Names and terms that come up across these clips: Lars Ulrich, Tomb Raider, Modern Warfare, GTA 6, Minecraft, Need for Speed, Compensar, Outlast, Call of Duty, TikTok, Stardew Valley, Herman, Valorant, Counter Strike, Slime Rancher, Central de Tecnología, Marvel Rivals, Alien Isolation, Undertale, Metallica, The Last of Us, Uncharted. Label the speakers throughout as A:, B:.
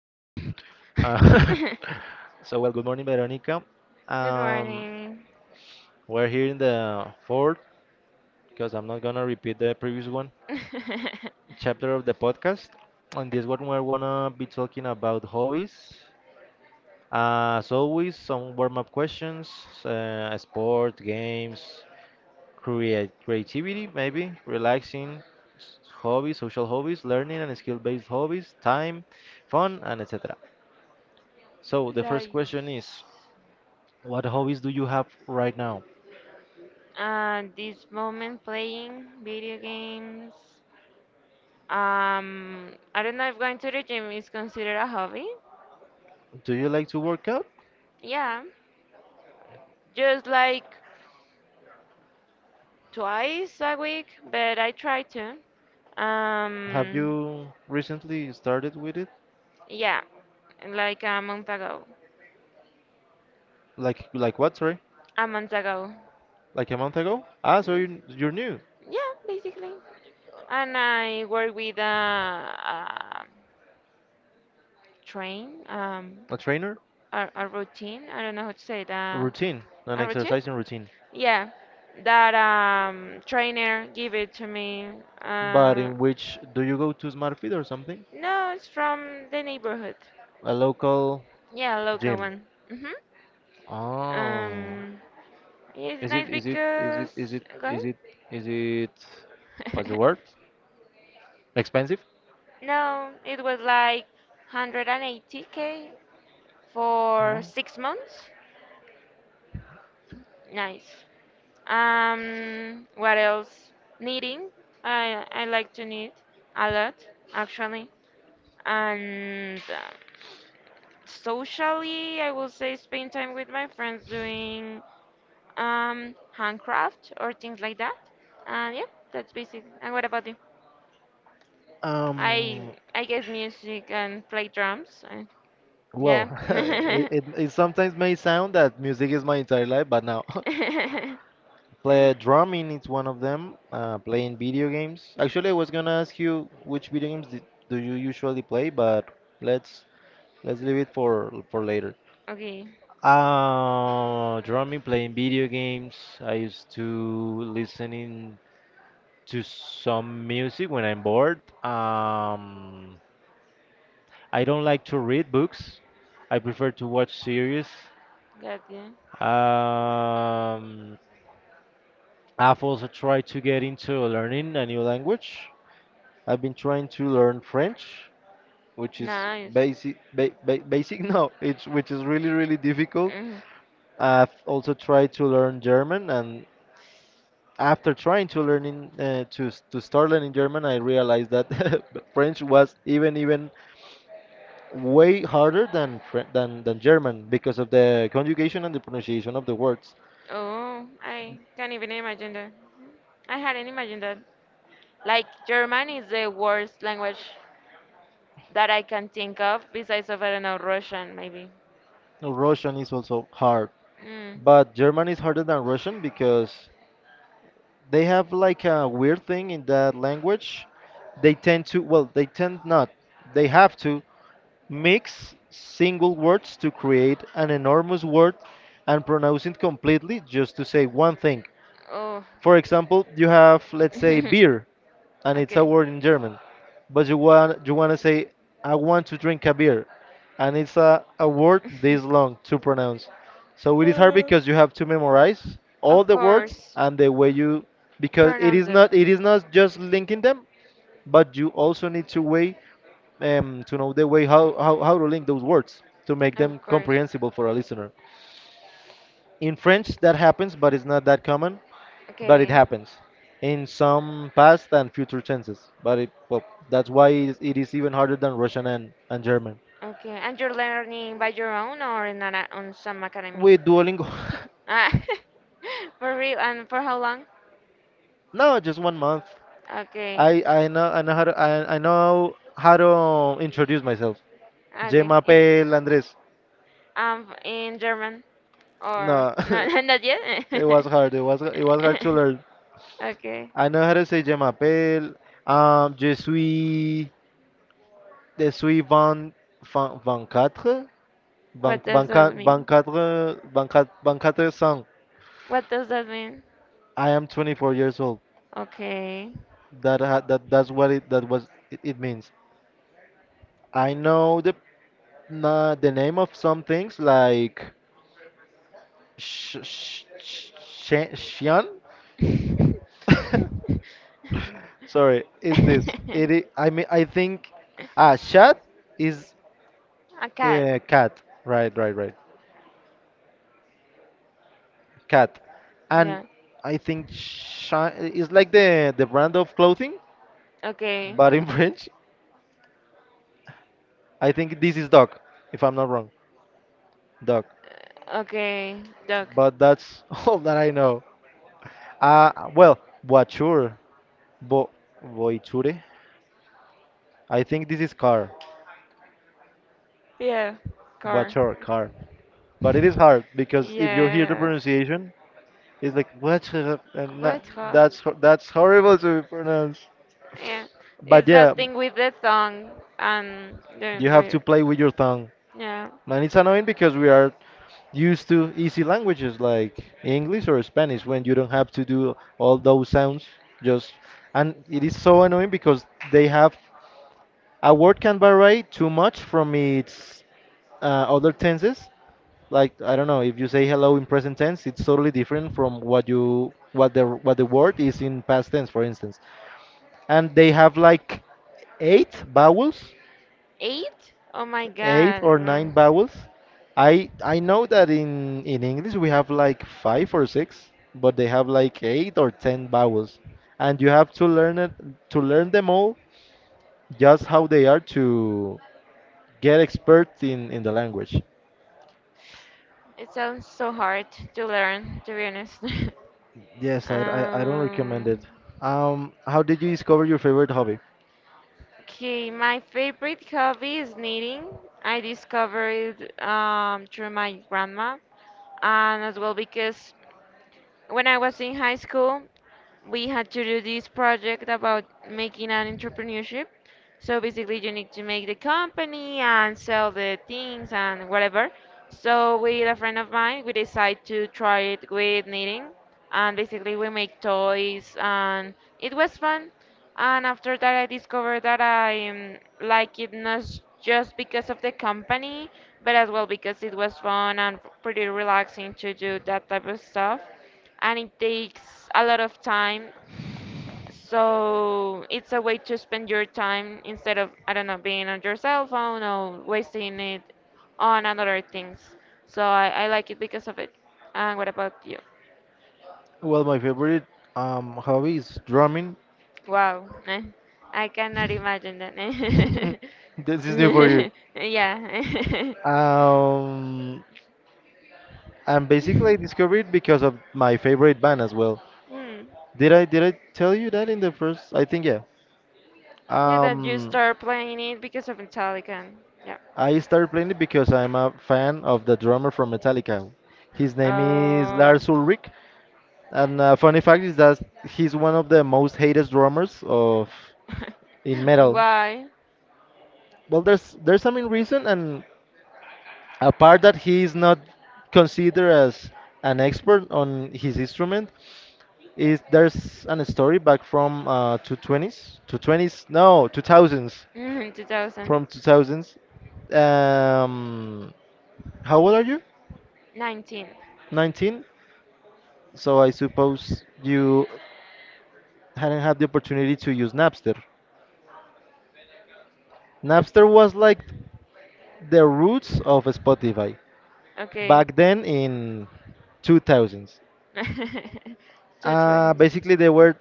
A: Uh, so, well, good morning, Veronica.
B: Good
A: Um,
B: morning.
A: we're here in the fourth, because I'm not gonna repeat the previous one, chapter of the podcast. On this one, we're gonna be talking about hobbies. As always, some warm-up questions, sport, games, create creativity, maybe relaxing, hobbies, social hobbies, learning and skill-based hobbies, time, fun, and etc. So the first
B: Guys.
A: question is. What hobbies do you have right now?
B: This moment playing video games. Um, I don't know if going to the gym is considered a hobby.
A: Do you like to work out?
B: Yeah, just like twice a week, but I try to.
A: Have
B: Um,
A: you recently started with it?
B: yeah, like a month ago.
A: Like what, sorry?
B: A month ago.
A: Like a month ago? Ah, so
B: Mm,
A: you're new.
B: yeah, basically. And I work with a train,
A: A trainer?
B: a routine. I don't know how to say that.
A: Routine, an
B: A routine?
A: exercising routine.
B: Yeah, that trainer give it to me.
A: But
B: Uh,
A: in which do you go to SmartFit or something?
B: no, it's from the neighborhood.
A: A local
B: Yeah, local
A: gym.
B: one. Mhm.
A: Oh.
B: Um, it's
A: Is
B: nice
A: it is it is it
B: because
A: is it
B: go
A: is it is it what's the
B: ahead.
A: word, expensive?
B: No, it was like 180K for 6 months. Nice. What else? Knitting. I like to knit a lot, actually. And socially, I will say spend time with my friends doing handcraft or things like that. And yeah, that's basic. And what about you?
A: Um,
B: I guess music and play drums. And
A: Well,
B: yeah.
A: it sometimes may sound that music is my entire life, but now play drumming is one of them. Playing video games. Actually, I was gonna ask you which video games did, do you usually play, but let's let's leave it for later.
B: Okay,
A: Drumming, playing video games. I used to listening to some music when I'm bored. Um, I don't like to read books. I prefer to watch series.
B: got you.
A: Um, I've also tried to get into learning a new language. I've been trying to learn French, which is
B: Nice.
A: basic, ba ba basic, no, it's which is really difficult.
B: Mhm.
A: I've also tried to learn German, and after trying to learning to to start learning German, I realized that French was even way harder than than German because of the conjugation and the pronunciation of the words.
B: Oh, I can't even imagine that. I hadn't imagined that. Like German is the worst language that I can think of, besides of I don't know Russian maybe.
A: Russian is also hard.
B: Mm.
A: But German is harder than Russian because they have like a weird thing in that language. They tend not, they have to mix single words to create an enormous word and pronounce it completely just to say one thing.
B: Oh.
A: For example, you have, let's say, beer and it's a
B: Okay.
A: word in German, but you want to say I want to drink a beer, and it's a word this long to pronounce. So it is hard
B: Uh,
A: because you have to memorize all
B: of
A: the words
B: course,
A: and the way you because
B: pronounce it.
A: it is not just linking them, but you also need to way to know the way how to link those words to make
B: Of
A: them
B: course.
A: comprehensible for a listener. In French that happens, but it's not that common but it
B: Okay.
A: happens in some past and future tenses. But that's why it is even harder than Russian and German.
B: Okay. And you're learning by your own or in an, on some academy?
A: With Duolingo,
B: Ah, for real? And for how long?
A: no, just 1 month.
B: Okay.
A: I know how to I know how to introduce myself. Je
B: Okay.
A: m'appelle Andres.
B: In German or
A: No,
B: no, not yet?
A: it was hard. It was hard to learn.
B: Okay.
A: I know how to say Je m'appelle. Je suis je suis vingt vingt vingt quatre
B: What does
A: vingt quatre
B: that
A: vingt
B: mean?
A: quatre vingt quatre vingt quatre
B: What does that mean?
A: I am 24 years old.
B: Okay.
A: That ha that that's what it that was it, it means. I know the na the name of some things like sh sh sh Shen- Xian. Sorry, is this it? I mean, I think ah, chat is
B: A cat.
A: cat. Right. Cat, and
B: Yeah.
A: I think Shan is like the brand of clothing,
B: Okay.
A: but in French, I think this is dog, if I'm not wrong. Dog,
B: Okay. Dog.
A: but that's all that I know. Well, voiture, bo voiture. I think this is car,
B: Yeah. Car.
A: voiture, car. But it is hard because if you hear the
B: Yes.
A: pronunciation, it's like what, and that,
B: Votre.
A: that's horrible to pronounce.
B: Yeah,
A: But
B: it's
A: yeah,
B: that thing with the song and
A: you
B: then
A: have to
B: where
A: play with your tongue,
B: yeah
A: and it's annoying because we are used to easy languages like English or Spanish when you don't have to do all those sounds. Just and it is so annoying because they have a word can vary too much from its other tenses. Like I don't know, if you say hello in present tense, it's totally different from what the word is in past tense, for instance. And they have like eight vowels,
B: eight. Oh my
A: eight
B: god,
A: or nine
B: mm.
A: vowels. I know that in English we have like five or six, but they have like eight or ten vowels, and you have to learn it to learn them all just how they are to get expert in the language.
B: It sounds so hard to learn to be honest.
A: Yes, I don't recommend
B: um,
A: it. How did you discover your favorite hobby?
B: okay, my favorite hobby is knitting. I discovered it through my grandma and as well because when I was in high school we had to do this project about making an entrepreneurship. So basically, you need to make the company and sell the things and whatever. So with a friend of mine, we decided to try it with knitting and basically we make toys and it was fun and after that I discovered that I like it not just because of the company but as well because it was fun and pretty relaxing to do that type of stuff and it takes a lot of time so it's a way to spend your time instead of I don't know being on your cell phone or wasting it on another things so I like it because of it and what about you.
A: Well, my favorite hobby is drumming.
B: Wow, eh, I cannot imagine that. Eh.
A: This is new for you.
B: Yeah.
A: Um, and basically I discovered it because of my favorite band as well.
B: Hmm.
A: Did I tell you that in the first? I think yeah.
B: Yeah, that you
A: Um,
B: start playing it because of Metallica. Yeah.
A: I started playing it because I'm a fan of the drummer from Metallica. His name is
B: Uh,
A: Lars Ulrich. And funny fact is that he's one of the most hated drummers of in metal.
B: why?
A: Well, there's some in reason, and apart that he is not considered as an expert on his instrument, is there's an story back from uh, 220s, 220s, no, 2000s,
B: 2019.
A: from 2000s. Um, how old are you? 19. So I suppose you hadn't had the opportunity to use Napster. Napster was like the roots of Spotify
B: Okay.
A: back then in 2000s.
B: Two twenties.
A: Basically, they were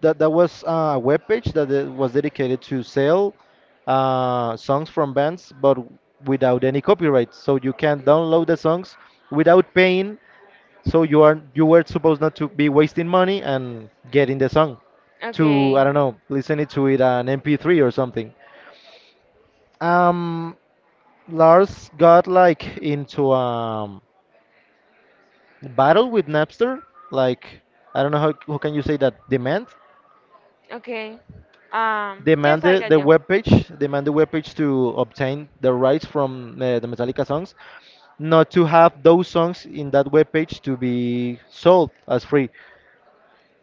A: that was a web page that it was dedicated to sell songs from bands, but without any copyright. So you can download the songs without paying. So you were supposed not to be wasting money and getting the song to I
B: Okay.
A: don't know listening to it an MP3 or something. Um, Lars got like into a battle with Napster. Like I don't know how can you say that demand
B: Okay.
A: demand
B: Yes, I got
A: the
B: you.
A: webpage demand the webpage to obtain the rights from the Metallica songs, not to
B: Have
A: have
B: those
A: those songs
B: songs
A: in that
B: that were
A: webpage
B: pitched to
A: to
B: be
A: be
B: sold
A: sold as
B: as free.
A: free.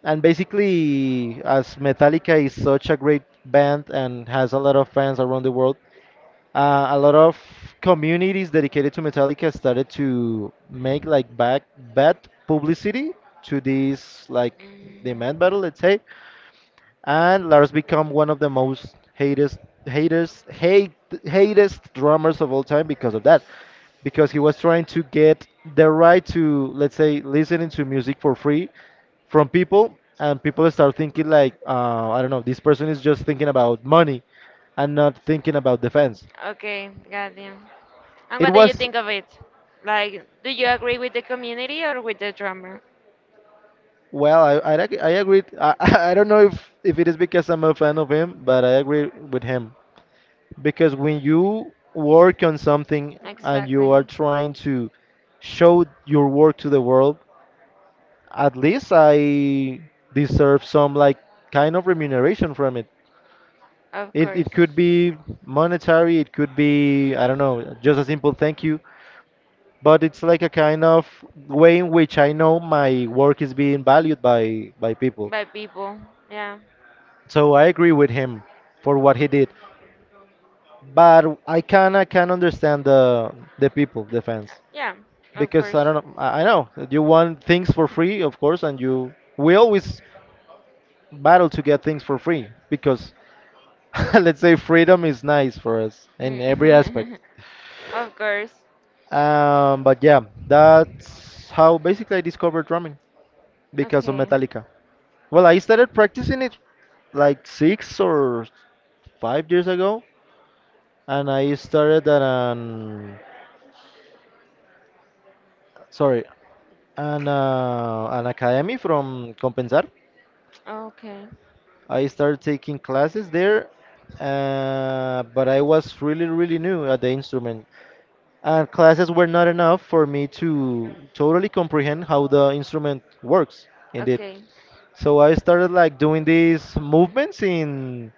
A: And basically, as Metallica is such a great band and has a lot of fans around the world, a lot of communities dedicated to Metallica started to make like back bad publicity to this like
B: Mm,
A: demand battle, let's say, and Lars become one of the most hatest haters hate hatest drummers of all time because of that because he was trying to get the right to let's say listening to music for free from people and people start thinking like I don't know this person is just thinking about money and not thinking about defense
B: okay, got you. And
A: it
B: what do you
A: was
B: think of it? Like, do you agree with the community or with the drummer?
A: well. I agreed. I, I don't know if it is because I'm a fan of him, but I agree with him because when you work on something and you
B: Exactly.
A: are trying to show your work to the world, at least I deserve some like kind of remuneration from it.
B: Of
A: It could
B: course.
A: be monetary. It could be I don't know, just a simple thank you. But it's like a kind of way in which I know my work is being valued by people.
B: By people. Yeah.
A: So I agree with him for what he did, but I can understand the people, the fans,
B: Yeah, of
A: because I
B: course.
A: don't know, I know that you want things for free, of course, and you we always battle to get things for free because let's say freedom is nice for us in every
B: Mm.
A: aspect.
B: Of course.
A: But yeah, that's how basically I discovered drumming because of
B: Okay.
A: Metallica. Well, I started practicing it like 6 or 5 years ago, and I started at an sorry an academy from Compensar.
B: Okay.
A: I started taking classes there, but I was really new at the instrument, and classes were not enough for me to totally comprehend how the instrument works. Indeed,
B: Okay.
A: so I started like doing these movements in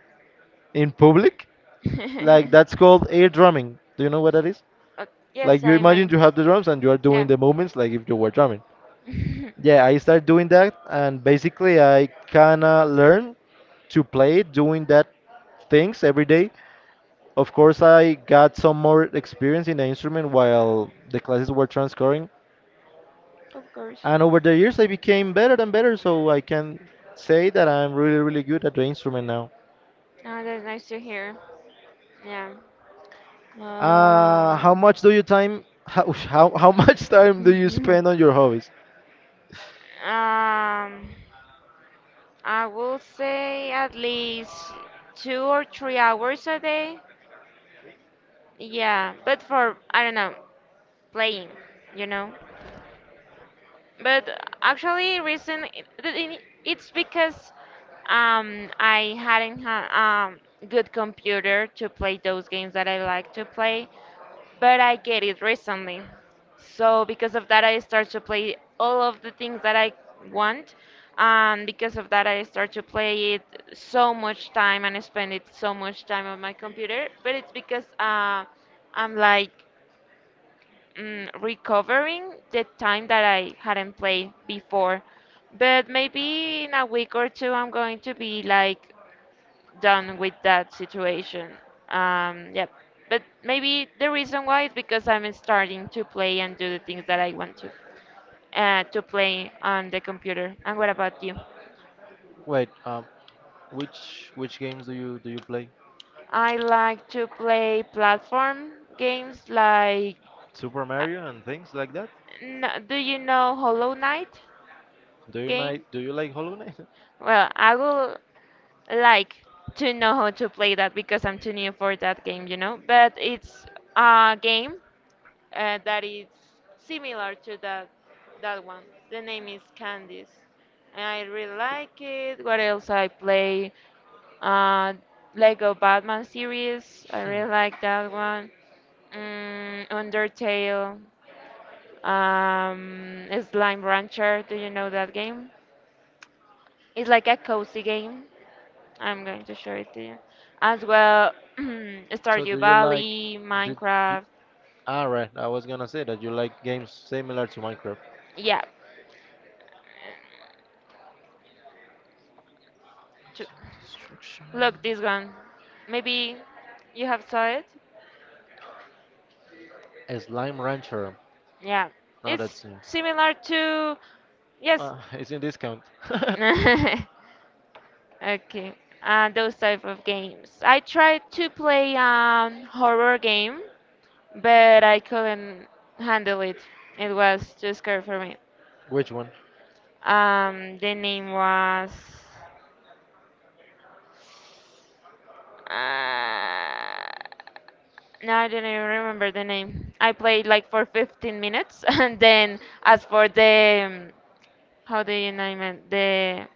A: public, like that's called air drumming. Do you know what that is?
B: Uh,
A: Like
B: yes,
A: you
B: I
A: imagine
B: mean,
A: you have the drums and you are doing
B: yeah,
A: the movements like if you were drumming. Yeah, I started doing that, and basically I kinda learned to play doing that things every day. Of course, I got some more experience in the instrument while the classes were transcurring,
B: of course.
A: and over the years I became better and better. So I can say that I'm really, really good at the instrument now.
B: Oh, that's nice to hear. Yeah. Um,
A: How much do you time? How much time do you spend on your hobbies?
B: I will say at least 2 or 3 hours a day. Yeah, but for, I don't know, playing, you know. But actually, reason it's because I hadn't had um good computer to play those games that I like to play, but I get it recently. So because of that, I start to play all of the things that I want, and because of that, I start to play it so much time and spend it so much time on my computer. But it's because I'm like recovering the time that I hadn't played before. But maybe in a week or two, I'm going to be like done with that situation. Yep. But maybe the reason why is because I'm starting to play and do the things that I want to play on the computer. And what about you?
A: Wait, which games do you play?
B: I like to play platform games like.
A: Super
B: uh,
A: Mario and things like that.
B: Do you know Hollow Knight game?
A: Do you like Hollow Knight?
B: Well, I will like to know how to play that because I'm too new for that game, you know. But it's a game that is similar to that one. The name is Candice, and I really like it. What else I play? Uh, Lego Batman series. I really like that one. Mm, Undertale. Slime Rancher. Do you know that game? It's like a cozy game. I'm going to show it to you. As well,
A: So
B: Stardew
A: do you like?
B: Valley,
A: Did, did,
B: Minecraft.
A: ah, right. I was gonna say that you like games similar to Minecraft.
B: Yeah, too.
A: Destruction.
B: Look, this one. Maybe you have saw it?
A: A Slime Rancher.
B: Yeah.
A: No,
B: It's
A: that's new.
B: similar to yes.
A: It's in discount.
B: Okay. Those type of games. I tried to play horror game, but I couldn't handle it. It was too scary for me.
A: Which one?
B: The name was uh, no, I didn't even remember the name. I played like for 15 minutes, and then as for the how do you name it? The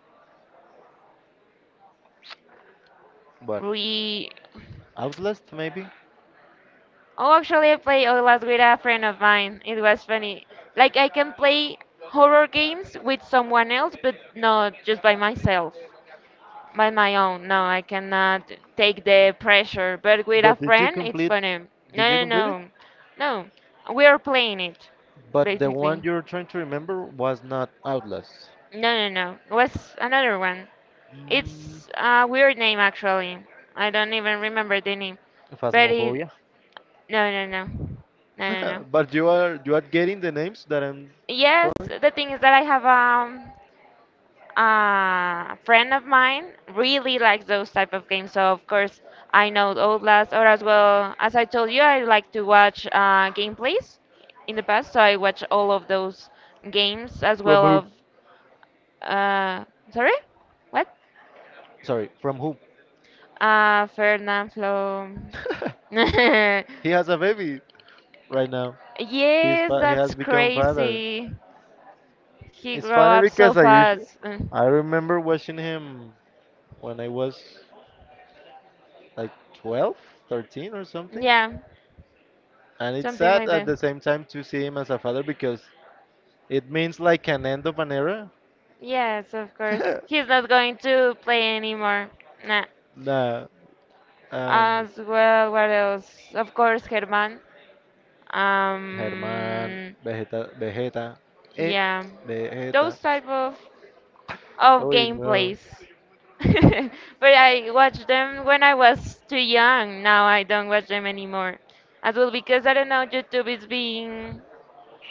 A: But
B: we.
A: Outlast maybe?
B: Oh, actually, I played Outlast with a friend of mine. It was funny. Like I can play horror games with someone else, but not just by myself, by my own. No, I cannot take the pressure. But with a
A: But did you
B: friend, it's
A: complete?
B: funny. No,
A: Did you
B: no,
A: complete it?
B: no, no. We are playing it,
A: But the
B: basically.
A: one you're trying to remember was not Outlast.
B: No, no, no. What's another one?
A: Mm,
B: It's a weird name actually. I don't even remember the name. But it,
A: Phasmophobia.
B: no, no, no. No, no, no.
A: But you are getting the names that I'm
B: Yes,
A: throwing?
B: the thing is that I have a friend of mine really likes those type of games. So of course I know Outlast, or as well as I told you, I like to watch gameplays in the past. So I watch all of those games as
A: From
B: well
A: who?
B: of uh sorry, what?
A: Sorry, from who?
B: Fernand Flo.
A: He has a baby right now. He's
B: Yes,
A: he has
B: that's
A: become father.
B: crazy. He
A: It's
B: grew
A: funny
B: up so
A: because I usually
B: fast. Mm.
A: I remember watching him when I was like 12, 13 or something.
B: Yeah.
A: And it's
B: Something
A: sad
B: like
A: at
B: that.
A: the same time to see him as a father because it means like an end of an era.
B: Yes, of course. He's not going to play anymore. Nah.
A: Nah. Um,
B: As well, what else? Of course, Herman.
A: Germán,
B: Um,
A: Vegeta, Vegeta, eh,
B: yeah, those
A: Vegeta.
B: type of of
A: Uy, no.
B: gameplays. But I watched them when I was too young. Now I don't watch them anymore. As well because I don't know, YouTube is being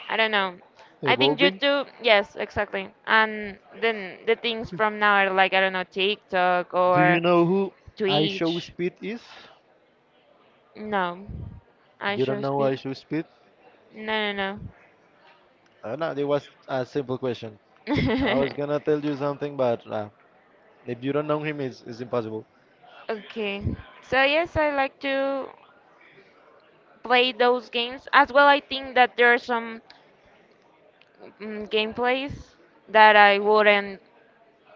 B: I don't know. I think
A: Evolving.
B: YouTube, yes, exactly. And then the things from now are like, I don't know, TikTok
A: Do
B: or
A: you know who I Show
B: Twitch.
A: Speed is?
B: No. I
A: You don't
B: show
A: know
B: speed.
A: I Show Speed?
B: No, no,
A: I know, it was a simple question.
B: no.
A: I was gonna tell you something, but if you don't know him, it's impossible.
B: Okay. So yes, I like to play those games. As well, I think that there are some gameplays that I wouldn't,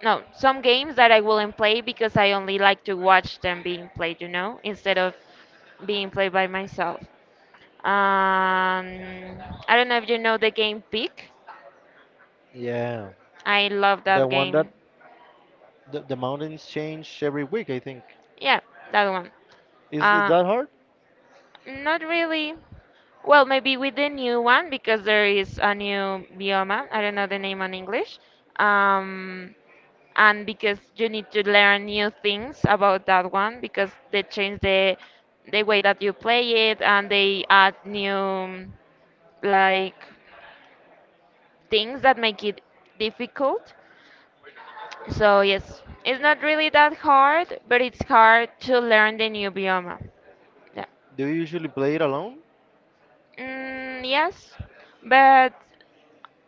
B: no, some games that I wouldn't play because I only like to watch them being played, you know, instead of being played by myself. Um, I don't know if you know the game Peak.
A: Yeah.
B: I love
A: The
B: that
A: one that
B: game.
A: the mountains change every week, I think.
B: Yeah, that one.
A: Is it
B: Uh,
A: that hard?
B: not really. Well, maybe with the new one because there is a new bioma. I don't know the name in English. Um, and because you need to learn new things about that one because they change the way that you play it and they add new like things that make it difficult. So yes, it's not really that hard, but it's hard to learn the new biome. Yeah.
A: Do you usually play it alone?
B: Mm, yes, but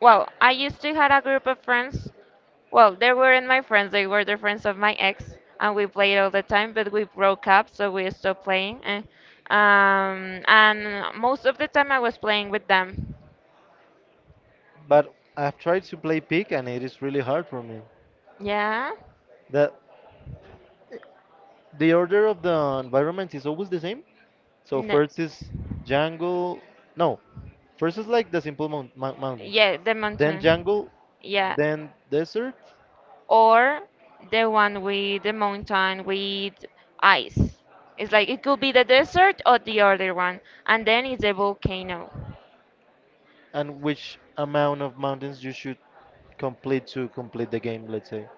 B: well, I used to had a group of friends. Well, they weren't my friends; they were the friends of my ex, and we played all the time. But we broke up, so we stopped playing. Eh. And most of the time I was playing with them.
A: But I've tried to play Peak and it is really hard for me.
B: Yeah.
A: That the order of the environments is always the same. So
B: No.
A: first is jungle. No, first is like the simple mountain,
B: Yeah, the
A: then
B: mountain.
A: jungle,
B: Yeah.
A: then desert,
B: Or the one with the mountain with ice. It's like it could be the desert or the other one, and then it's the volcano.
A: and which amount of mountains you should complete to complete the game. Let's say,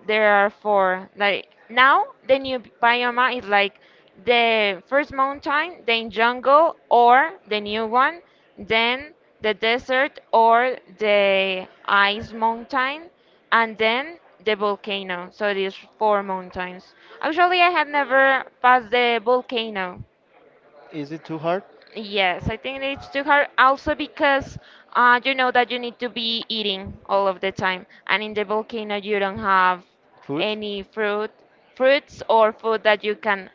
B: There are four. Like now, the new bioma is like the first mountain, then jungle or the new one, then the desert or the ice mountain, and then the volcano. So it is four mountains. Actually, I have never passed the volcano.
A: is it too hard?
B: Yes, I think it's too hard also because you know that you need to be eating all of the time, and in the volcano you don't have
A: Food.
B: any fruits or food that you can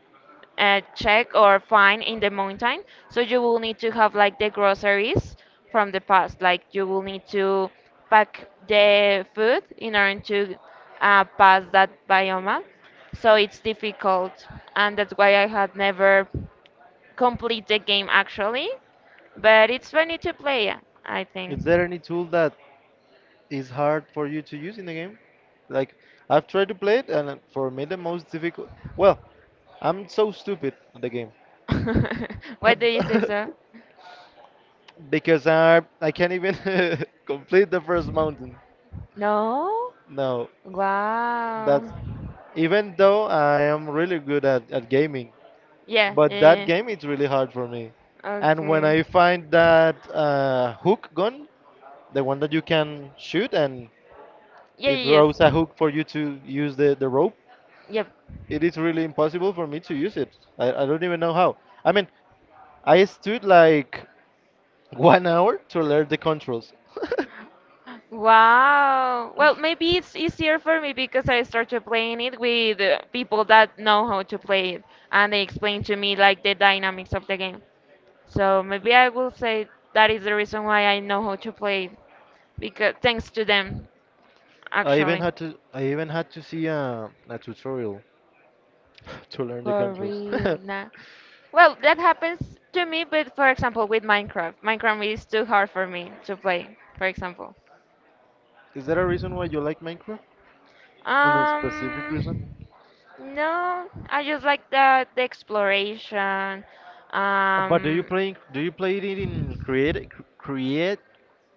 B: check or find in the mountain. So you will need to have like the groceries from the past, like you will need to pack the food in order to pass that biome. So it's difficult, and that's why I had never complete the game actually, but it's funny to play, I think.
A: Is there any tool that is hard for you to use in the game? Like, I've tried to play it, and for me, the most difficult. Well, I'm so stupid at the game.
B: Why do you say so?
A: Because I can't even complete the first mountain.
B: No?
A: No,
B: Wow.
A: that's. Even though I am really good at gaming,
B: Yeah, yeah,
A: but that
B: yeah.
A: game is really hard for me. And when
B: Okay.
A: I find that hook gun, the one that you can shoot and
B: Yeah,
A: it
B: yeah,
A: throws
B: yes.
A: a hook for you to use the rope.
B: Yep.
A: It is really impossible for me to use it. I don't even know how. I mean, I stood like 1 hour to learn the controls.
B: Wow. Well, maybe it's easier for me because I started playing it with people that know how to play it and they explain to me like the dynamics of the game. So maybe I will say that is the reason why I know how to play it because thanks to them
A: I even
B: actually.
A: had to see a tutorial to learn the
B: For
A: controls.
B: real. Nah. Well, that happens to me, but for example with Minecraft. Minecraft is too hard for me to play, for example.
A: Is there a reason why you like Minecraft? And a specific reason?
B: Um No, I just like that the exploration.
A: But
B: um,
A: do you play it in create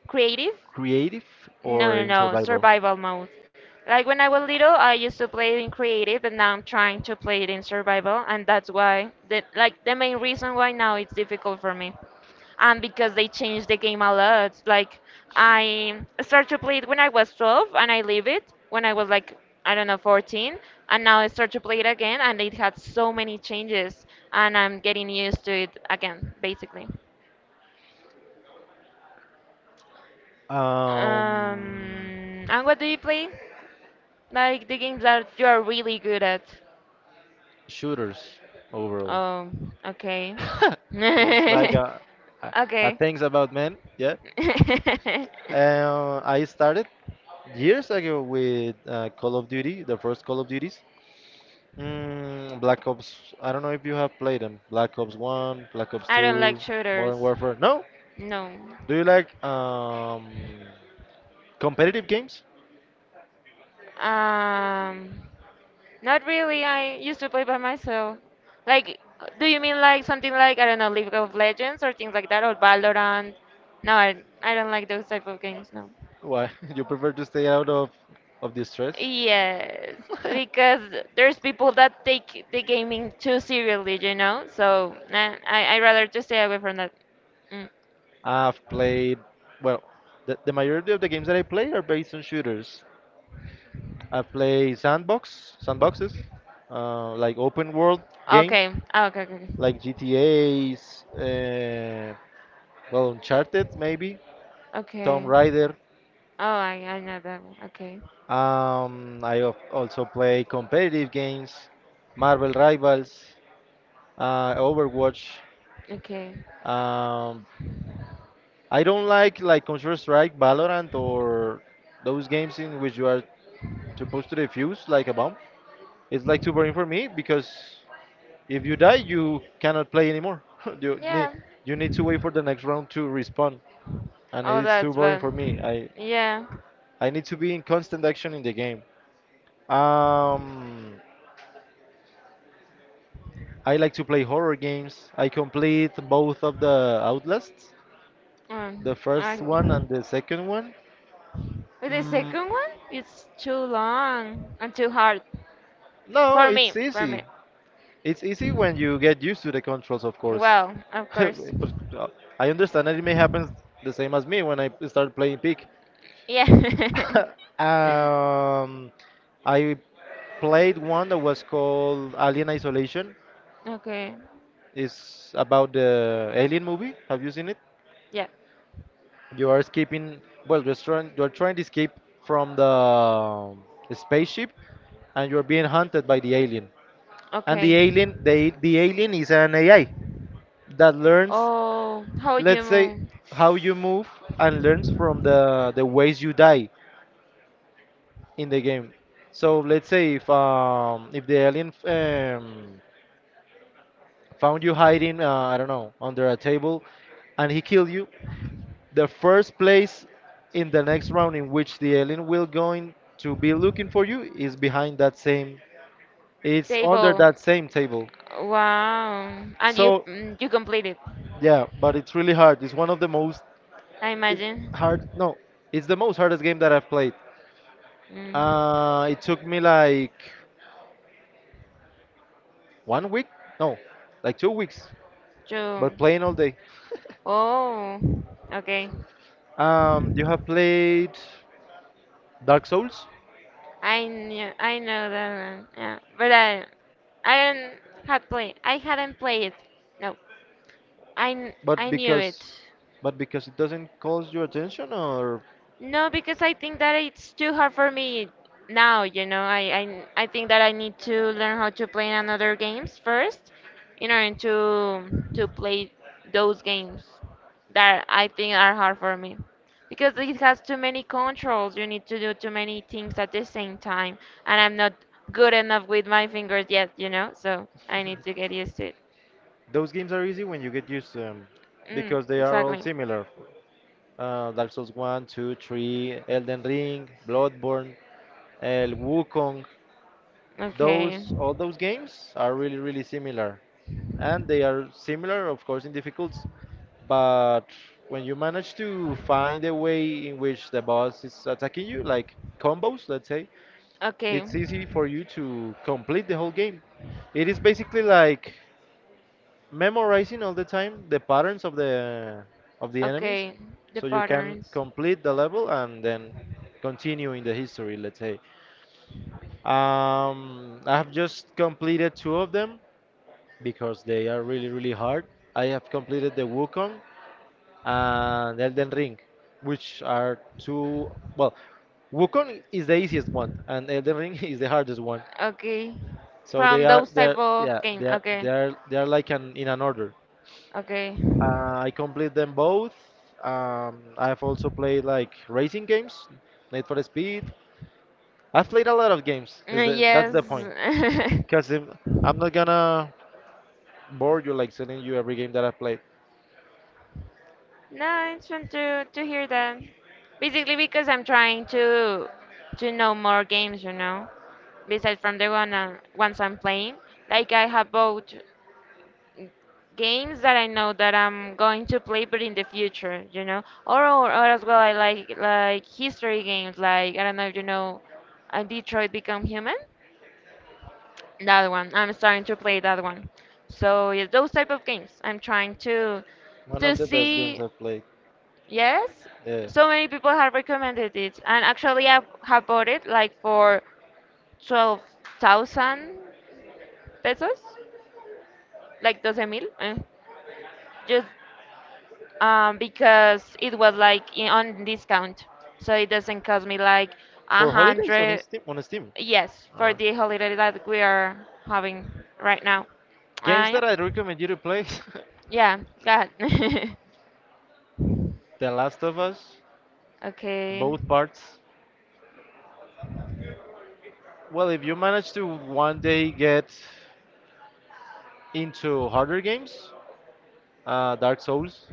B: Creative.
A: creative
B: No,
A: or
B: no,
A: in
B: no,
A: survival?
B: survival mode. Like when I was little, I used to play it in creative, but now I'm trying to play it in survival, and that's why the main reason why now it's difficult for me. And because they changed the game a lot. Like I started to play it when I was 12 and I leave it when I was like I don't know 14 and now I start to play it again and it had so many changes and I'm getting used to it again basically.
A: Um,
B: And what do you play? Like the games that you are really good at.
A: shooters overall.
B: Oh, okay.
A: It's like a, a
B: Okay.
A: things about men. Yeah. I started years ago with Call of Duty, the first Call of Duties. Mm, Black Ops. I don't know if you have played them. Black Ops One, Black Ops
B: I don't like
A: Two,
B: shooters.
A: Modern Warfare. No.
B: No.
A: Do you like competitive games?
B: Um, Not really. I used to play by myself. Like, do you mean like something like, I don't know, League of Legends or things like that, or Valorant? No, I don't like those type of games, no.
A: Why you prefer to stay out of the stress?
B: Yes, because there's people that take the gaming too seriously, you know? So, nah, I rather just stay away from that. Mm.
A: I've played, well, the majority of the games that I play are based on shooters. I play sandboxes, like open world games,
B: Okay. Ah, okay, okay, okay.
A: like GTA's, well, Uncharted maybe, Tomb
B: Okay.
A: Raider.
B: Oh, I know that one. Okay.
A: I also play competitive games, Marvel Rivals, Overwatch.
B: Okay.
A: Um, I don't like Counter Strike, Valorant, or those games in which you are supposed to defuse like a bomb. It's like too boring for me because if you die, you cannot play anymore. You need
B: Yeah.
A: you need to wait for the next round to respawn, and
B: Oh,
A: it's too
B: that's
A: boring
B: bad.
A: for me.
B: Yeah.
A: I need to be in constant action in the game. Um, I like to play horror games. I complete both of the Outlasts, the
B: Um, I,
A: first one and the second one.
B: but the
A: Mm,
B: second one, it's too long and too hard.
A: no,
B: For me.
A: it's
B: For me.
A: easy. It's easy when you get used to the controls, of course.
B: Well, of course.
A: But I understand that it may happen the same as me when I start playing Peak.
B: Yeah.
A: um, I played one that was called Alien Isolation.
B: Okay.
A: It's about the Alien movie. Have you seen it?
B: Yeah.
A: You are escaping. Well, you're trying. You're trying to escape from the spaceship, and you're being hunted by the alien. And the
B: Okay.
A: alien, the alien is an AI that learns,
B: Oh, how
A: let's say,
B: you
A: how you move and learns from the ways you die in the game. So let's say if the alien found you hiding, I don't know, under a table, and he killed you, the first place in the next round in which the alien will
B: move?
A: going to be looking for you is behind that same, it's under
B: Table.
A: that same table.
B: Wow. And you
A: So
B: mm, you completed,
A: yeah, but it's really hard. It's one of the most
B: I
A: it's
B: imagine.
A: hard. No, it's the most hardest game that I've played.
B: Mm.
A: It took me like 1 week, no, like 2 weeks,
B: You.
A: but playing all day.
B: Oh. Okay.
A: You have played Dark Souls,
B: I know that one. Yeah. But I didn't had play. I hadn't played it. No. I kn-
A: but
B: I knew it.
A: because but because it doesn't cause your attention, or
B: No, because I think that it's too hard for me now. I think that I need to learn how to play another games first in order to play those games that I think are hard for me. Because it has too many controls. You need to do too many things at the same time, and I'm not good enough with my fingers yet. So I need to get used to it.
A: those games are easy when you get used to them
B: Mm,
A: because they are all
B: exactly.
A: similar. Dark Souls one, 2, 3, Elden Ring, Bloodborne, El Wukong.
B: Okay.
A: Those all those games are really really similar, and they are similar, of course, in difficulty. But when you manage to find a way in which the boss is attacking you, like combos, let's say
B: Okay.
A: it's easy for you to complete the whole game. It is basically like memorizing all the time the patterns of the enemies,
B: Okay. The
A: so you can
B: patterns.
A: complete the level and then continue in the history. Let's say I have just completed two of them because they are really really hard. I have completed the Wukong and Elden Ring, which are two well Wukong is the easiest one, and Elden Ring is the hardest one.
B: Okay.
A: So they
B: From
A: are
B: those
A: they're
B: type of
A: yeah
B: game. Okay.
A: they're like an order.
B: Okay.
A: I complete them both. I've also played like racing games, Need for Speed. I've played a lot of games. Is the that's
B: Yes.
A: the point? Because I'm not gonna bore you like telling you every game that I've played.
B: Nice fun to hear that. Basically because I'm trying to know more games, besides from the ones I'm playing. Like I have both games that I know that I'm going to play, but in the future, or or as well I like history games, like I don't know if you know, Detroit Become Human. That one. I'm starting to play that one. So yeah, those type of games. I'm trying to
A: One
B: to
A: of the best games
B: see.
A: I've played.
B: Yes,
A: Yeah.
B: so many people have recommended it, and actually I have bought it like for 12,000 pesos, like doce mil, just because it was like on discount, so it doesn't cost me like a
A: For holidays on
B: hundred.
A: Steam.
B: Yes,
A: All
B: for
A: right.
B: the holiday that we are having right now.
A: Games
B: Yeah,
A: that I recommend you to play:
B: yeah, go ahead.
A: The Last of Us,
B: Okay.
A: both parts. Well, if you manage to one day get into harder games, Dark Souls,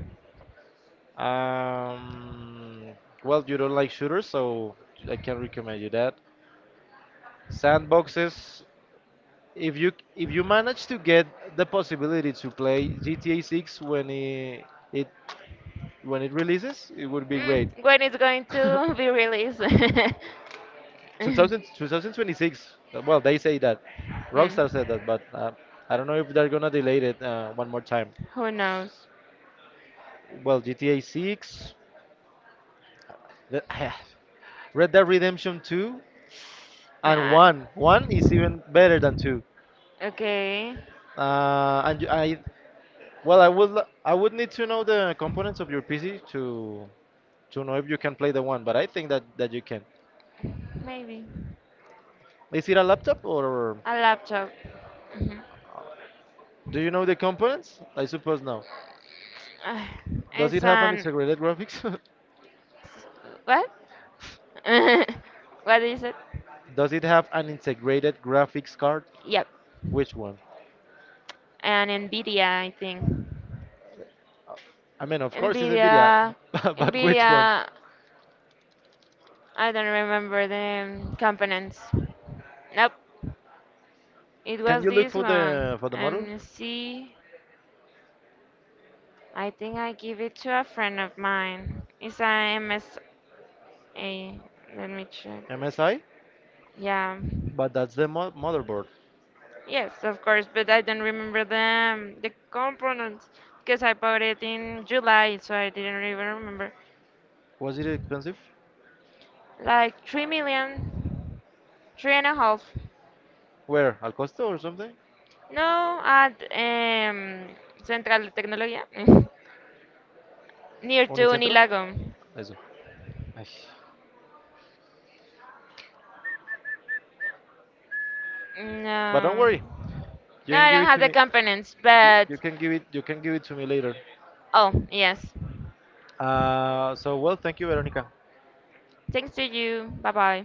A: um, well, you don't like shooters, so I can recommend you that. Sandboxes, if you manage to get the possibility to play GTA 6 when it when it releases, it would be great.
B: When it's going to be released?
A: 2000, 2026. Well, they say that.
B: Mm,
A: Rockstar said that, but I don't know if they're gonna delay it one more time.
B: Who knows?
A: Well, GTA 6, the, Red Dead Redemption 2, and
B: Yeah.
A: 1. 1 is even better than 2.
B: Okay.
A: And I, well, I would, I would need to know the components of your PC to know if you can play the one, but I think that you can.
B: Maybe.
A: Is it a laptop or
B: A laptop. Mhm.
A: do you know the components? I suppose no.
B: Ah,
A: Does it
B: It's
A: have an
B: an.
A: integrated graphics?
B: What? What is it?
A: Does it have an integrated graphics card?
B: Yep.
A: Which one?
B: An Nvidia, I think.
A: I mean, of course, it's
B: Nvidia.
A: Nvidia, but which
B: Nvidia.
A: one?
B: I don't remember the components. Nope. It
A: Can
B: was
A: you look
B: this one.
A: for the model?
B: See, I think I give it to a friend of mine. It's a MSA. Let me check.
A: MSI?
B: Yeah.
A: But that's the mo motherboard.
B: Yes, of course, but I don't remember the components because I bought it in July, so I didn't even remember.
A: Was it expensive?
B: Like 3 million, three and a half.
A: Where? Al Costo or something?
B: No, at Central de Tecnología, near to
A: Unicentro?
B: Unilago.
A: Eso. Ay. But don't
B: No.
A: worry, you
B: No,
A: can
B: I
A: give
B: don't
A: it
B: have
A: to
B: the
A: me.
B: components, but
A: You can give it. You can give it to me later.
B: oh yes.
A: So well, thank you, Veronica.
B: Thanks to you. Bye bye.